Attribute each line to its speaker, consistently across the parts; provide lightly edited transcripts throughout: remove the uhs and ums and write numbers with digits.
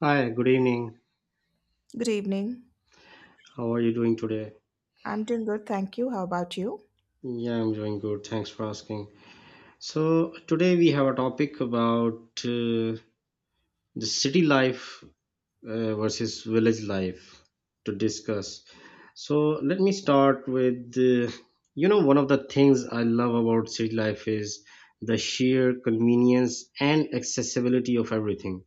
Speaker 1: Hi, good evening.
Speaker 2: Good evening.
Speaker 1: How are you doing today?
Speaker 2: I'm doing good, thank you. How about you?
Speaker 1: Yeah, I'm doing good. Thanks for asking. So, today we have a topic about the city life versus village life to discuss. So, let me start with one of the things I love about city life is the sheer convenience and accessibility of everything.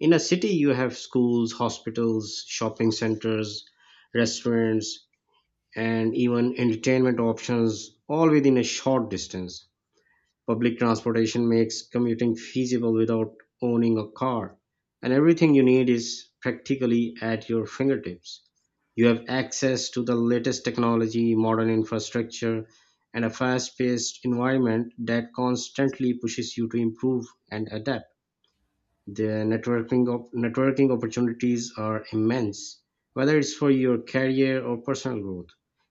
Speaker 1: In a city, you have schools, hospitals, shopping centers, restaurants, and even entertainment options all within a short distance. Public transportation makes commuting feasible without owning a car, and everything you need is practically at your fingertips. You have access to the latest technology, modern infrastructure, and a fast paced environment that constantly pushes you to improve and adapt. The networking networking opportunities are immense. Whether it's for your career or personal growth,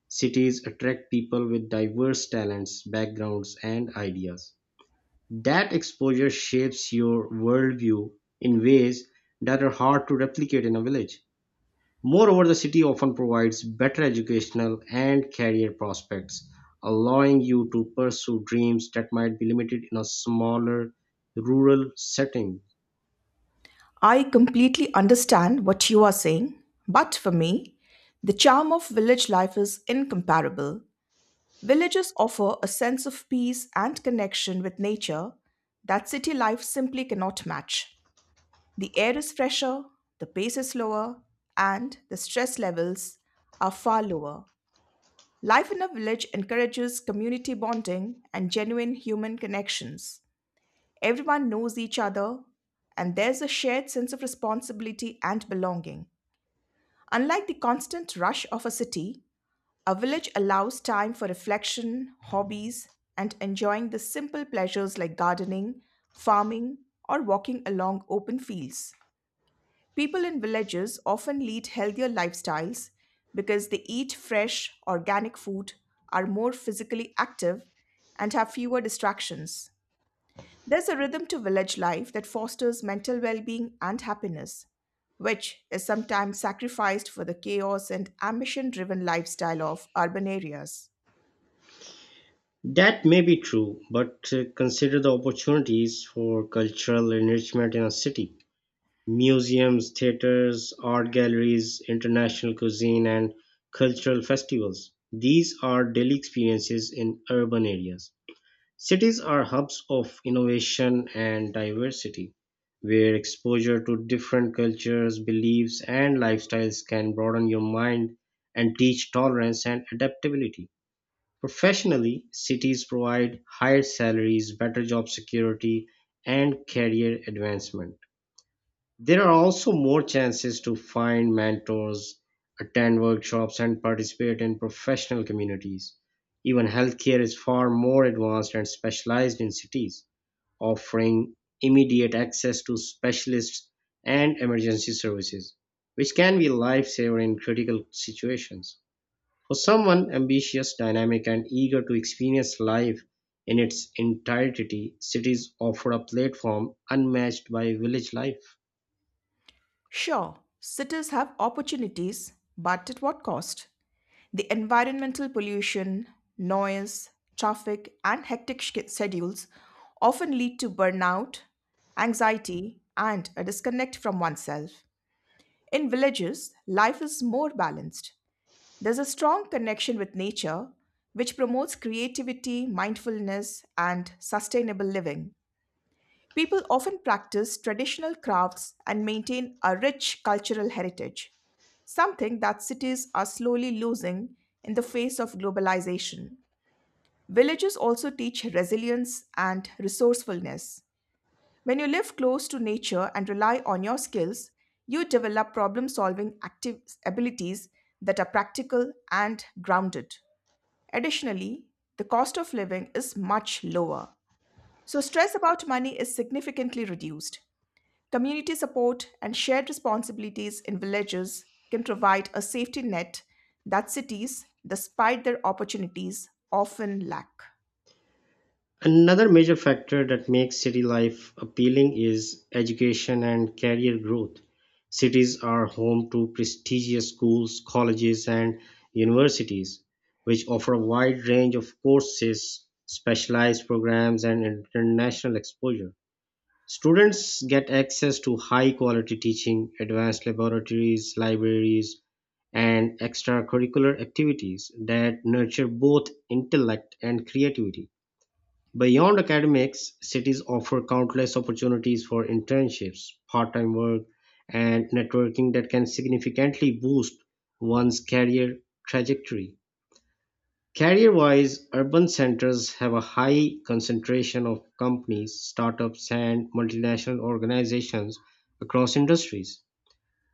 Speaker 1: cities attract people with diverse talents, backgrounds, and ideas. That exposure shapes your worldview in ways that are hard to replicate in a village. Moreover, the city often provides better educational and career prospects, allowing you to pursue dreams that might be limited in a smaller rural setting.
Speaker 2: I completely understand what you are saying, but for me, the charm of village life is incomparable. Villages offer a sense of peace and connection with nature that city life simply cannot match. The air is fresher, the pace is slower, and the stress levels are far lower. Life in a village encourages community bonding and genuine human connections. Everyone knows each other, and there's a shared sense of responsibility and belonging. Unlike the constant rush of a city, a village allows time for reflection, hobbies, and enjoying the simple pleasures like gardening, farming, or walking along open fields. People in villages often lead healthier lifestyles because they eat fresh, organic food, are more physically active, and have fewer distractions. There's a rhythm to village life that fosters mental well being and happiness, which is sometimes sacrificed for the chaos and ambition driven lifestyle of urban areas.
Speaker 1: That may be true, but consider the opportunities for cultural enrichment in a city. Museums, theaters, art galleries, international cuisine, and cultural festivals. These are daily experiences in urban areas. Cities are hubs of innovation and diversity, where exposure to different cultures, beliefs, and lifestyles can broaden your mind and teach tolerance and adaptability. Professionally, cities provide higher salaries, better job security, and career advancement. There are also more chances to find mentors, attend workshops, and participate in professional communities. Even healthcare is far more advanced and specialized in cities, offering immediate access to specialists and emergency services, which can be a lifesaver in critical situations. For someone ambitious, dynamic, and eager to experience life in its entirety, cities offer a platform unmatched by village life.
Speaker 2: Sure, cities have opportunities, but at what cost? The environmental pollution, noise, traffic, and hectic schedules often lead to burnout, anxiety, and a disconnect from oneself. In villages, life is more balanced. There's a strong connection with nature, which promotes creativity, mindfulness, and sustainable living. People often practice traditional crafts and maintain a rich cultural heritage, something that cities are slowly losing in the face of globalization. Villages also teach resilience and resourcefulness. When you live close to nature and rely on your skills, you develop problem solving active abilities that are practical and grounded. Additionally, the cost of living is much lower, so stress about money is significantly reduced. Community support and shared responsibilities in villages can provide a safety net that cities, despite their opportunities, often lack.
Speaker 1: Another major factor that makes city life appealing is education and career growth. Cities are home to prestigious schools, colleges, and universities, which offer a wide range of courses, specialized programs, and international exposure. Students get access to high quality teaching, advanced laboratories, libraries, and extracurricular activities that nurture both intellect and creativity. Beyond academics, cities offer countless opportunities for internships, part time work, and networking that can significantly boost one's career trajectory. Career-wise, urban centers have a high concentration of companies, startups, and multinational organizations across industries.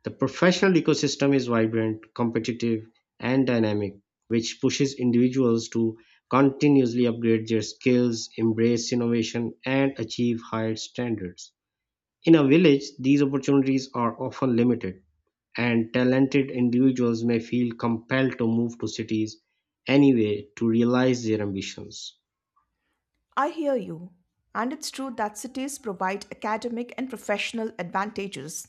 Speaker 1: The professional ecosystem is vibrant, competitive, and dynamic, which pushes individuals to continuously upgrade their skills, embrace innovation, and achieve higher standards. In a village, these opportunities are often limited, and talented individuals may feel compelled to move to cities anyway to realize their ambitions.
Speaker 2: I hear you, and it's true that cities provide academic and professional advantages,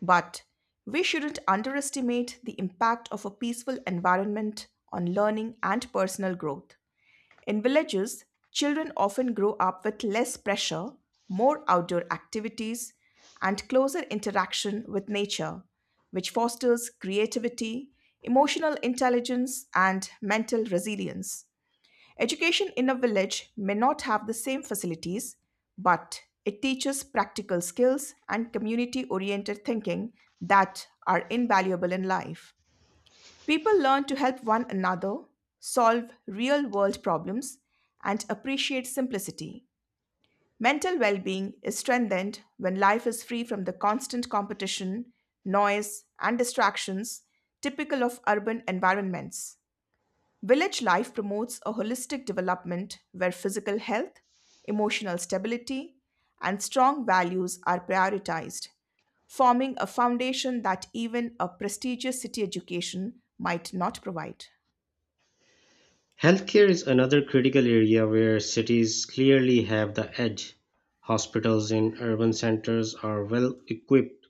Speaker 2: but we shouldn't underestimate the impact of a peaceful environment on learning and personal growth. In villages, children often grow up with less pressure, more outdoor activities, and closer interaction with nature, which fosters creativity, emotional intelligence, and mental resilience. Education in a village may not have the same facilities, but it teaches practical skills and community oriented thinking that are invaluable in life. People learn to help one another, solve real world problems, and appreciate simplicity. Mental well being is strengthened when life is free from the constant competition, noise, and distractions typical of urban environments. Village life promotes a holistic development where physical health, emotional stability, and strong values are prioritized, forming a foundation that even a prestigious city education might not provide.
Speaker 1: Healthcare is another critical area where cities clearly have the edge. Hospitals in urban centers are well equipped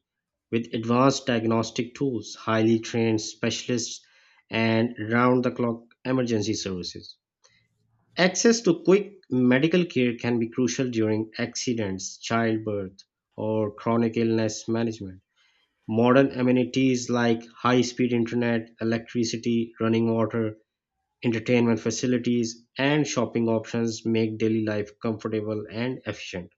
Speaker 1: with advanced diagnostic tools, highly trained specialists, and round the clock emergency services. Access to quick medical care can be crucial during accidents, childbirth, or chronic illness management. Modern amenities like high speed internet, electricity, running water, entertainment facilities, and shopping options make daily life comfortable and efficient.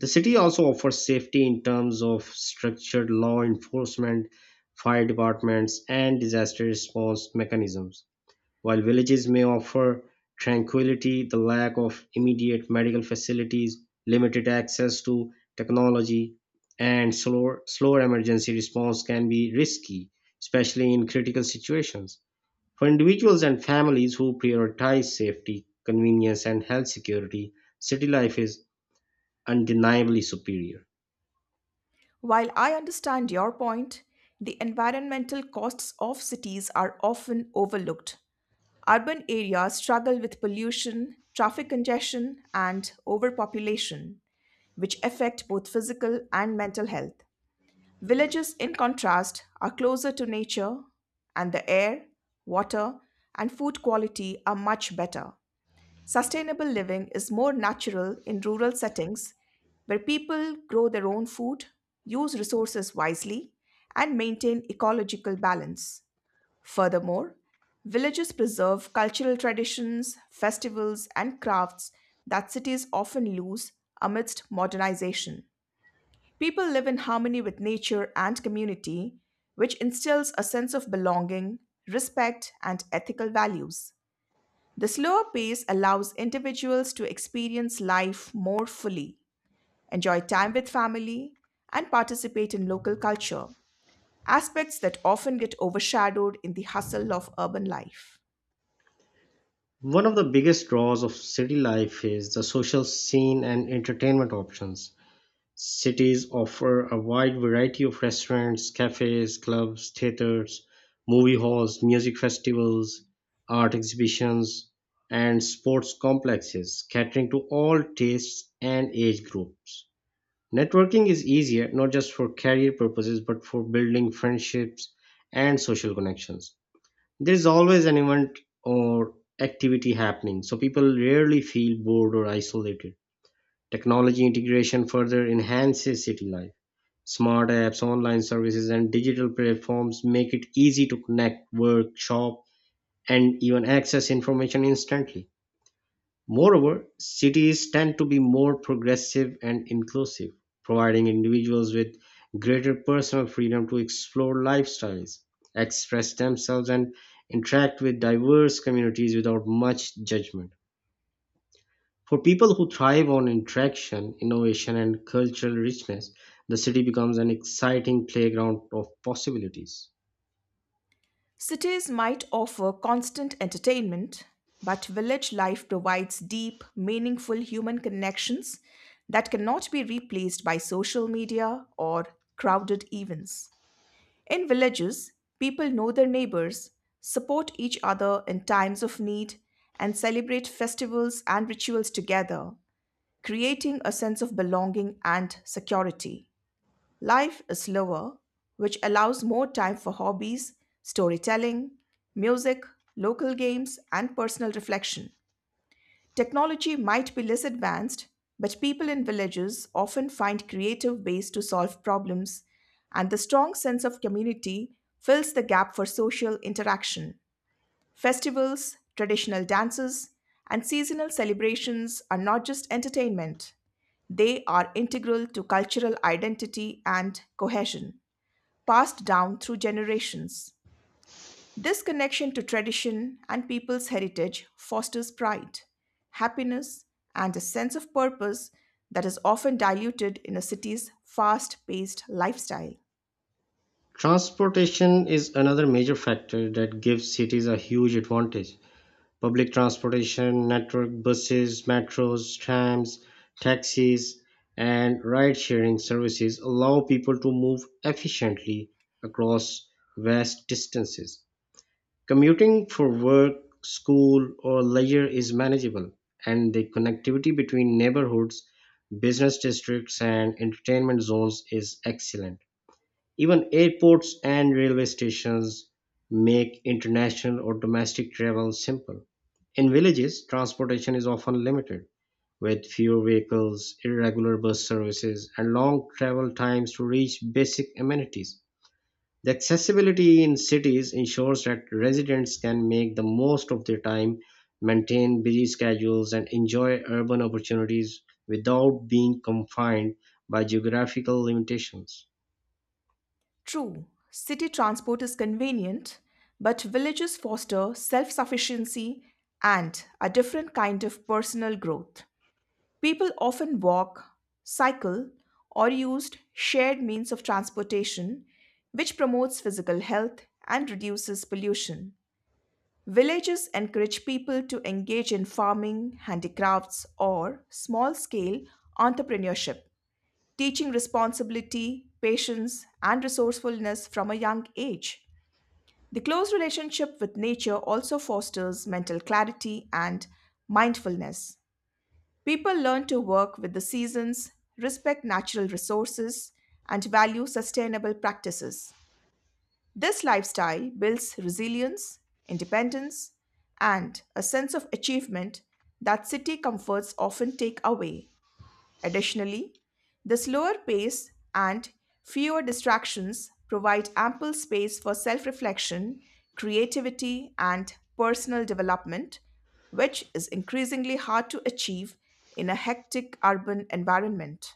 Speaker 1: The city also offers safety in terms of structured law enforcement, fire departments, and disaster response mechanisms. While villages may offer tranquility, the lack of immediate medical facilities, limited access to technology, and slower emergency response can be risky, especially in critical situations. For individuals and families who prioritize safety, convenience, and health security, city life is undeniably superior.
Speaker 2: While I understand your point, the environmental costs of cities are often overlooked. Urban areas struggle with pollution, traffic congestion, and overpopulation, which affect both physical and mental health. Villages, in contrast, are closer to nature, and the air, water, and food quality are much better. Sustainable living is more natural in rural settings where people grow their own food, use resources wisely, and maintain ecological balance. Furthermore, villages preserve cultural traditions, festivals, and crafts that cities often lose amidst modernization. People live in harmony with nature and community, which instills a sense of belonging, respect, and ethical values. The slower pace allows individuals to experience life more fully, enjoy time with family, and participate in local culture, aspects that often get overshadowed in the hustle of urban life.
Speaker 1: One of the biggest draws of city life is the social scene and entertainment options. Cities offer a wide variety of restaurants, cafes, clubs, theaters, movie halls, music festivals, art exhibitions, and sports complexes, catering to all tastes and age groups. Networking is easier not just for career purposes but for building friendships and social connections. There's always an event or activity happening, so people rarely feel bored or isolated. Technology integration further enhances city life. Smart apps, online services, and digital platforms make it easy to connect, work, shop, and even access information instantly. Moreover, cities tend to be more progressive and inclusive, providing individuals with greater personal freedom to explore lifestyles, express themselves, and interact with diverse communities without much judgment. For people who thrive on interaction, innovation, and cultural richness, the city becomes an exciting playground of possibilities.
Speaker 2: Cities might offer constant entertainment, but village life provides deep, meaningful human connections that cannot be replaced by social media or crowded events. In villages, people know their neighbors, support each other in times of need, and celebrate festivals and rituals together, creating a sense of belonging and security. Life is slower, which allows more time for hobbies, storytelling, music, local games, and personal reflection. Technology might be less advanced, but people in villages often find creative ways to solve problems, and the strong sense of community fills the gap for social interaction. Festivals, traditional dances, and seasonal celebrations are not just entertainment, they are integral to cultural identity and cohesion passed down through generations. This connection to tradition and people's heritage fosters pride, happiness, and a sense of purpose that is often diluted in a city's fast paced lifestyle.
Speaker 1: Transportation is another major factor that gives cities a huge advantage. Public transportation network, buses, metros, trams, taxis, and ride sharing services allow people to move efficiently across vast distances. Commuting for work, school, or leisure is manageable, and the connectivity between neighborhoods, business districts, and entertainment zones is excellent. Even airports and railway stations make international or domestic travel simple. In villages, transportation is often limited, with fewer vehicles, irregular bus services, and long travel times to reach basic amenities. The accessibility in cities ensures that residents can make the most of their time, maintain busy schedules, and enjoy urban opportunities without being confined by geographical limitations.
Speaker 2: True, city transport is convenient, but villages foster self sufficiency and a different kind of personal growth. People often walk, cycle, or use shared means of transportation, which promotes physical health and reduces pollution. Villages encourage people to engage in farming, handicrafts, or small scale entrepreneurship, teaching responsibility, patience, and resourcefulness from a young age. The close relationship with nature also fosters mental clarity and mindfulness. People learn to work with the seasons, respect natural resources, and value sustainable practices. This lifestyle builds resilience, independence, and a sense of achievement that city comforts often take away. Additionally, the slower pace and fewer distractions provide ample space for self reflection, creativity, and personal development, which is increasingly hard to achieve in a hectic urban environment.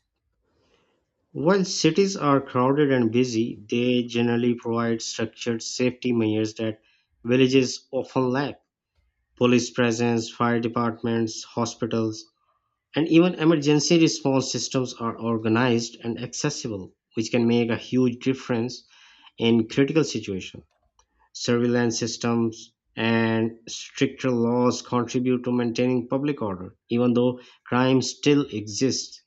Speaker 1: While cities are crowded and busy, they generally provide structured safety measures that villages often lack. Police presence, fire departments, hospitals, and even emergency response systems are organized and accessible, which can make a huge difference in critical situations. Surveillance systems and stricter laws contribute to maintaining public order, even though crime still exists.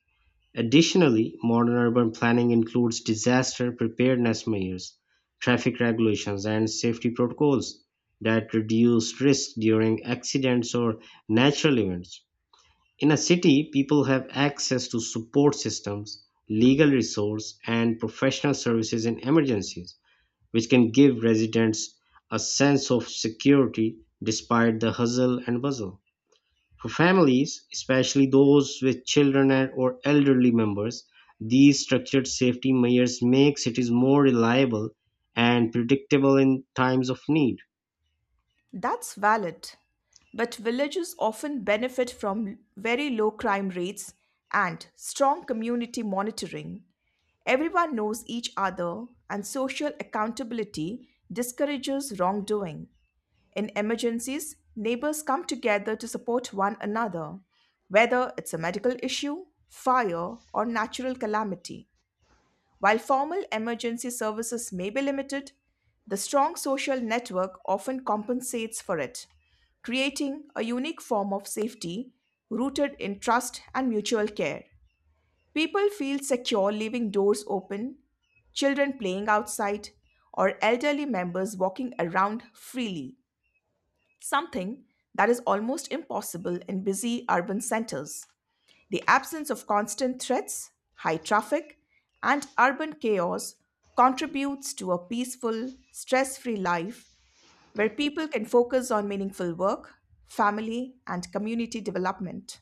Speaker 1: Additionally, modern urban planning includes disaster preparedness measures, traffic regulations, and safety protocols that reduce risk during accidents or natural events. In a city, people have access to support systems, legal resource, and professional services in emergencies, which can give residents a sense of security despite the hustle and bustle. For families, especially those with children or elderly members, these structured safety measures make cities more reliable and predictable in times of need.
Speaker 2: That's valid, but villages often benefit from very low crime rates and strong community monitoring. Everyone knows each other, and social accountability discourages wrongdoing. In emergencies, neighbors come together to support one another, whether it's a medical issue, fire, or natural calamity. While formal emergency services may be limited, the strong social network often compensates for it, creating a unique form of safety rooted in trust and mutual care. People feel secure leaving doors open, children playing outside, or elderly members walking around freely, something that is almost impossible in busy urban centers. The absence of constant threats, high traffic, and urban chaos contributes to a peaceful, stress free life where people can focus on meaningful work, family, and community development.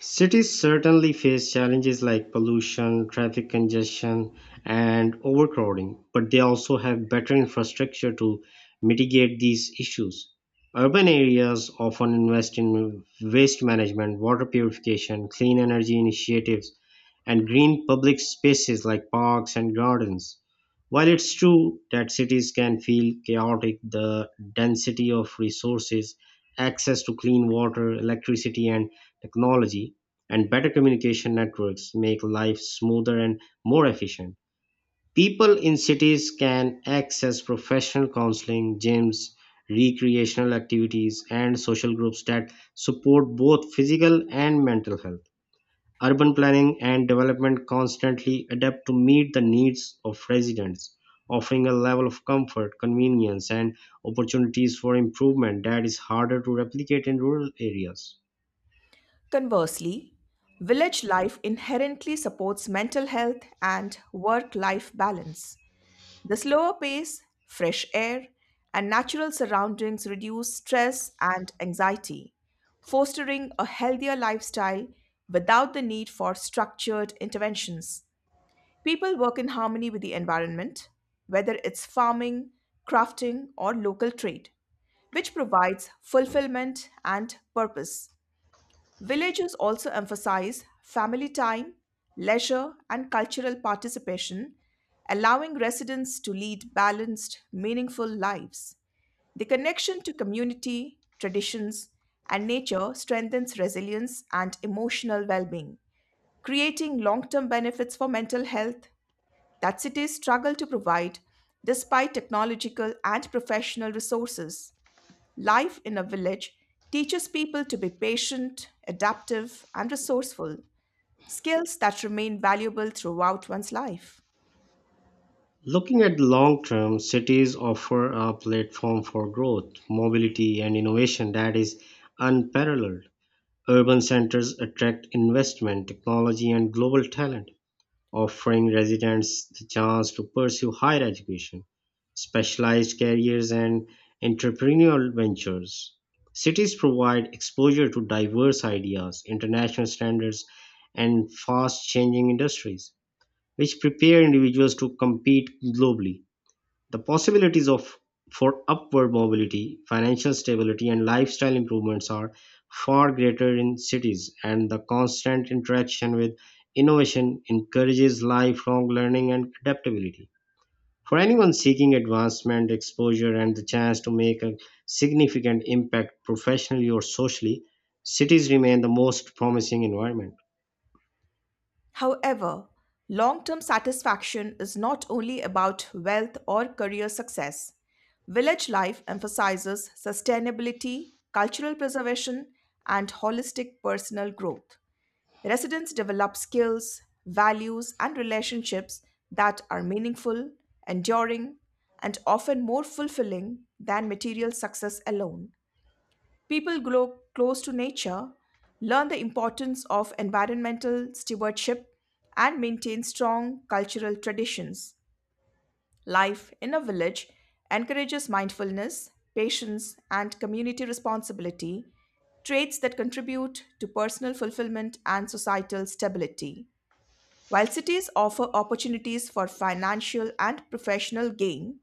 Speaker 1: Cities certainly face challenges like pollution, traffic congestion, and overcrowding, but they also have better infrastructure to mitigate these issues. Urban areas often invest in waste management, water purification, clean energy initiatives, and green public spaces like parks and gardens. While it's true that cities can feel chaotic, the density of resources, access to clean water, electricity, and technology, and better communication networks make life smoother and more efficient. People in cities can access professional counseling, gyms, recreational activities, and social groups that support both physical and mental health. Urban planning and development constantly adapt to meet the needs of residents, offering a level of comfort, convenience, and opportunities for improvement that is harder to replicate in rural areas.
Speaker 2: Conversely, village life inherently supports mental health and work life balance. The slower pace, fresh air, and natural surroundings reduce stress and anxiety, fostering a healthier lifestyle without the need for structured interventions. People work in harmony with the environment, whether it's farming, crafting, or local trade, which provides fulfillment and purpose. Villages also emphasize family time, leisure, and cultural participation, allowing residents to lead balanced, meaningful lives. The connection to community, traditions, and nature strengthens resilience and emotional well being, creating long term benefits for mental health that cities struggle to provide despite technological and professional resources. Life in a village teaches people to be patient, adaptive, and resourceful, skills that remain valuable throughout one's life.
Speaker 1: Looking at the long term, cities offer a platform for growth, mobility, and innovation that is unparalleled. Urban centers attract investment, technology, and global talent, offering residents the chance to pursue higher education, specialized careers, and entrepreneurial ventures. Cities provide exposure to diverse ideas, international standards, and fast changing industries, which prepare individuals to compete globally. The possibilities of for upward mobility, financial stability, and lifestyle improvements are far greater in cities, and the constant interaction with innovation encourages lifelong learning and adaptability. For anyone seeking advancement, exposure, and the chance to make a significant impact professionally or socially, cities remain the most promising environment.
Speaker 2: However, long term satisfaction is not only about wealth or career success. Village life emphasizes sustainability, cultural preservation, and holistic personal growth. Residents develop skills, values, and relationships that are meaningful, enduring, and often more fulfilling than material success alone. People grow close to nature, learn the importance of environmental stewardship, and maintain strong cultural traditions. Life in a village encourages mindfulness, patience, and community responsibility, traits that contribute to personal fulfillment and societal stability. While cities offer opportunities for financial and professional gain,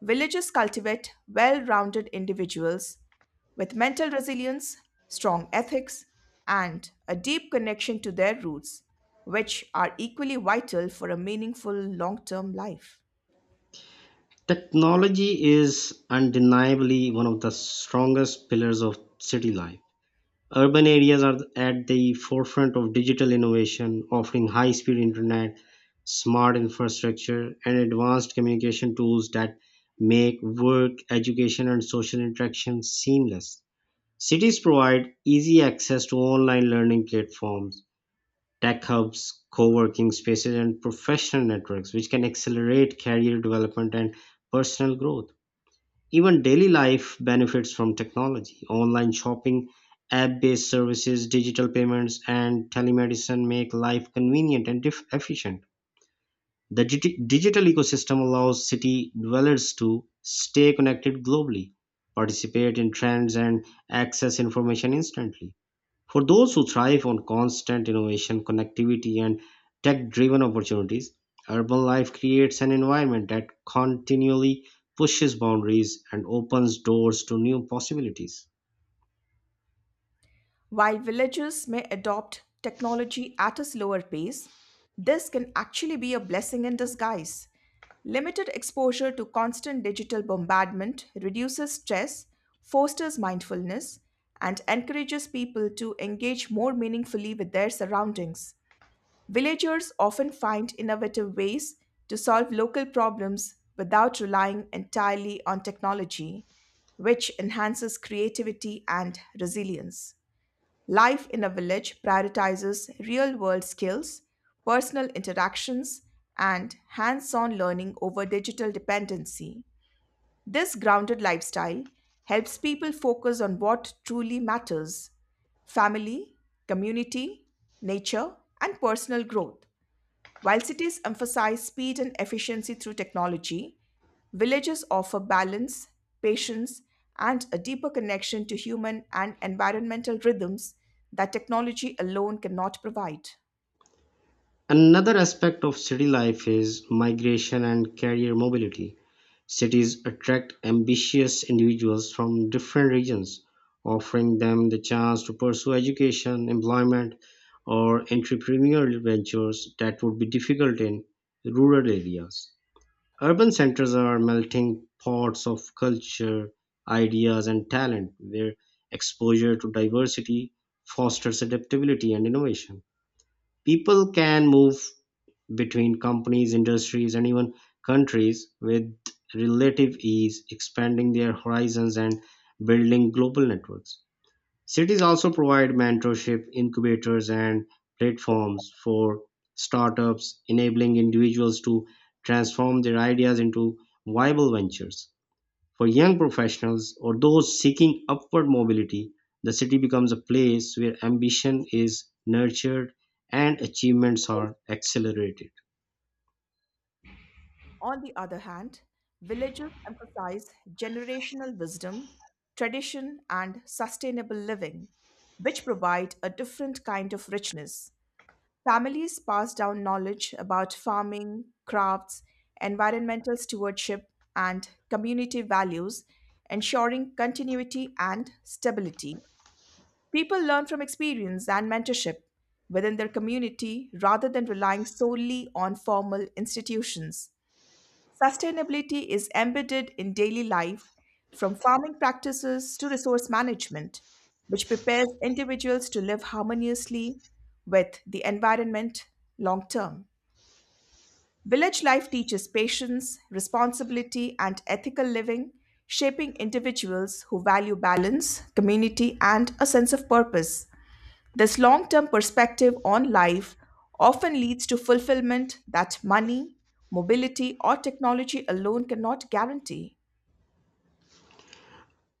Speaker 2: villages cultivate well rounded individuals with mental resilience, strong ethics, and a deep connection to their roots, which are equally vital for a meaningful long term life.
Speaker 1: Technology is undeniably one of the strongest pillars of city life. Urban areas are at the forefront of digital innovation, offering high speed internet, smart infrastructure, and advanced communication tools that make work, education, and social interaction seamless. Cities provide easy access to online learning platforms, tech hubs, co working spaces, and professional networks, which can accelerate career development and personal growth. Even daily life benefits from technology. Online shopping, app based services, digital payments, and telemedicine make life convenient and efficient. The digital ecosystem allows city dwellers to stay connected globally, participate in trends, and access information instantly. For those who thrive on constant innovation, connectivity, and tech driven opportunities, urban life creates an environment that continually pushes boundaries and opens doors to new possibilities.
Speaker 2: While villages may adopt technology at a slower pace, this can actually be a blessing in disguise. Limited exposure to constant digital bombardment reduces stress, fosters mindfulness, and encourages people to engage more meaningfully with their surroundings. Villagers often find innovative ways to solve local problems without relying entirely on technology, which enhances creativity and resilience. Life in a village prioritizes real world skills, personal interactions, and hands on learning over digital dependency. This grounded lifestyle helps people focus on what truly matters: family, community, nature, and personal growth. While cities emphasize speed and efficiency through technology, villages offer balance, patience, and a deeper connection to human and environmental rhythms that technology alone cannot provide.
Speaker 1: Another aspect of city life is migration and career mobility. Cities attract ambitious individuals from different regions, offering them the chance to pursue education, employment, or entrepreneurial ventures that would be difficult in rural areas. Urban centers are melting pots of culture, ideas, and talent, where exposure to diversity fosters adaptability and innovation. People can move between companies, industries, and even countries with relative ease, expanding their horizons and building global networks. Cities also provide mentorship, incubators, and platforms for startups, enabling individuals to transform their ideas into viable ventures. For young professionals or those seeking upward mobility, the city becomes a place where ambition is nurtured and achievements are accelerated.
Speaker 2: On the other hand, villages emphasize generational wisdom, tradition, and sustainable living, which provide a different kind of richness. Families pass down knowledge about farming, crafts, environmental stewardship, and community values, ensuring continuity and stability. People learn from experience and mentorship within their community rather than relying solely on formal institutions. Sustainability is embedded in daily life, from farming practices to resource management, which prepares individuals to live harmoniously with the environment long term. Village life teaches patience, responsibility, and ethical living, shaping individuals who value balance, community, and a sense of purpose. This long term perspective on life often leads to fulfillment that money, mobility, or technology alone cannot guarantee.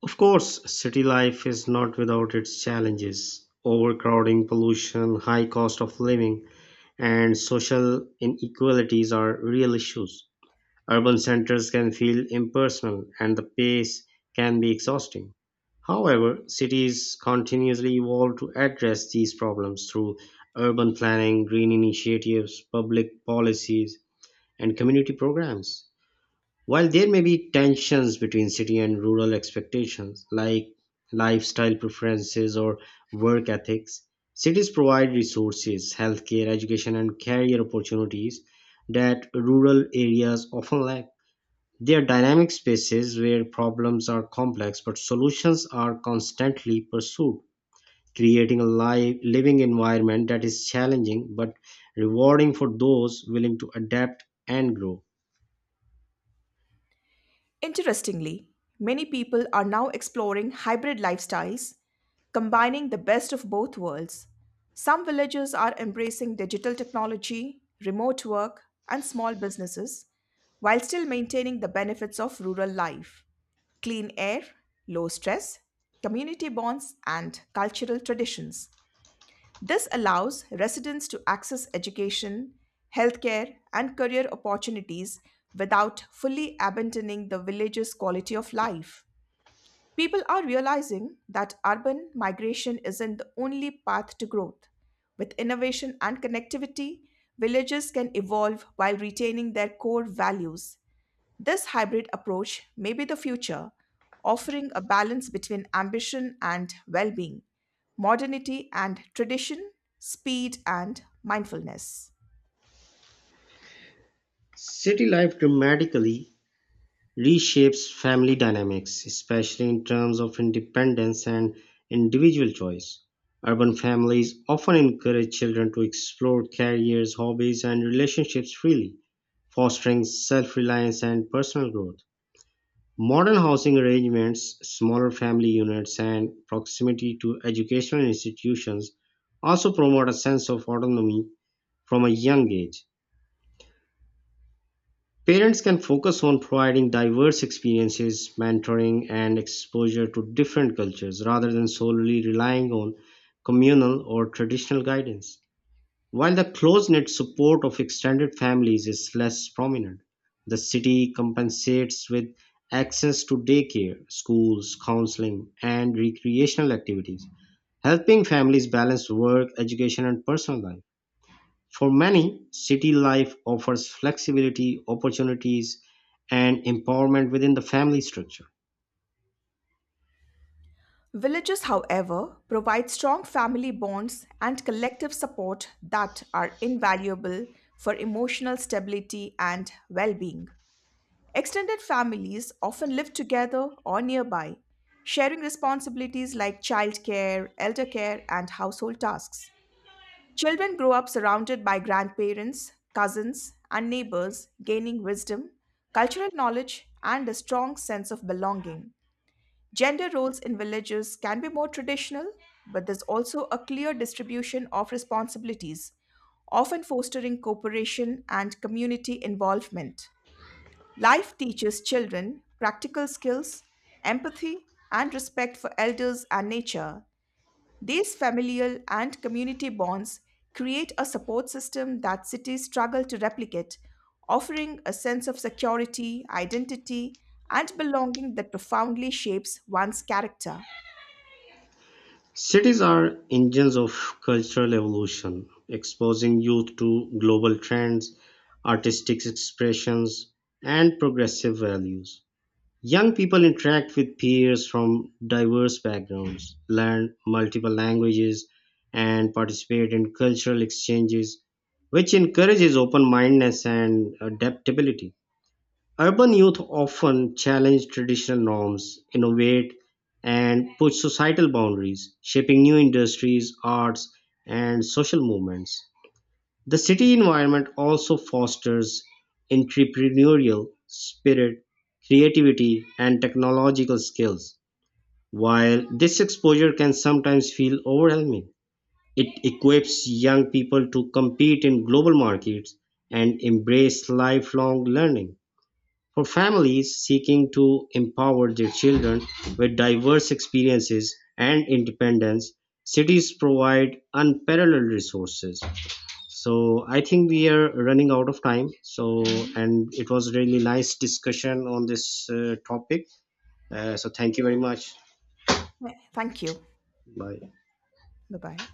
Speaker 1: Of course, city life is not without its challenges. Overcrowding, pollution, high cost of living, and social inequalities are real issues. Urban centers can feel impersonal and the pace can be exhausting. However, cities continuously evolve to address these problems through urban planning, green initiatives, public policies, and community programs. While there may be tensions between city and rural expectations, like lifestyle preferences or work ethics, cities provide resources, healthcare, education, and career opportunities that rural areas often lack. They are dynamic spaces where problems are complex but solutions are constantly pursued, creating a living environment that is challenging but rewarding for those willing to adapt and grow.
Speaker 2: Interestingly, many people are now exploring hybrid lifestyles, combining the best of both worlds. Some villages are embracing digital technology, remote work, and small businesses while still maintaining the benefits of rural life: clean air, low stress, community bonds, and cultural traditions. This allows residents to access education, healthcare, and career opportunities without fully abandoning the village's quality of life. People are realizing that urban migration isn't the only path to growth. With innovation and connectivity, villages can evolve while retaining their core values. This hybrid approach may be the future, offering a balance between ambition and well being, modernity and tradition, speed and mindfulness.
Speaker 1: City life dramatically reshapes family dynamics, especially in terms of independence and individual choice. Urban families often encourage children to explore careers, hobbies, and relationships freely, fostering self reliance and personal growth. Modern housing arrangements, smaller family units, and proximity to educational institutions also promote a sense of autonomy from a young age. Parents can focus on providing diverse experiences, mentoring, and exposure to different cultures rather than solely relying on communal or traditional guidance. While the close knit support of extended families is less prominent, the city compensates with access to daycare, schools, counseling, and recreational activities, helping families balance work, education, and personal life. For many, city life offers flexibility, opportunities, and empowerment within the family structure.
Speaker 2: Villages, however, provide strong family bonds and collective support that are invaluable for emotional stability and well being. Extended families often live together or nearby, sharing responsibilities like childcare, elder care, and household tasks. Children grow up surrounded by grandparents, cousins, and neighbors, gaining wisdom, cultural knowledge, and a strong sense of belonging. Gender roles in villages can be more traditional, but there's also a clear distribution of responsibilities, often fostering cooperation and community involvement. Life teaches children practical skills, empathy, and respect for elders and nature. These familial and community bonds create a support system that cities struggle to replicate, offering a sense of security, identity, and belonging that profoundly shapes one's character.
Speaker 1: Cities are engines of cultural evolution, exposing youth to global trends, artistic expressions, and progressive values. Young people interact with peers from diverse backgrounds, learn multiple languages, and participate in cultural exchanges, which encourages open mindedness and adaptability. Urban youth often challenge traditional norms, innovate, and push societal boundaries, shaping new industries, arts, and social movements. The city environment also fosters entrepreneurial spirit, creativity, and technological skills. While this exposure can sometimes feel overwhelming, it equips young people to compete in global markets and embrace lifelong learning. For families seeking to empower their children with diverse experiences and independence, cities provide unparalleled resources. So I think we are running out of time. So
Speaker 2: Mhm.
Speaker 1: and it was really nice discussion on this topic. So thank you very much.
Speaker 2: Thank you.
Speaker 1: Bye.
Speaker 2: Bye bye.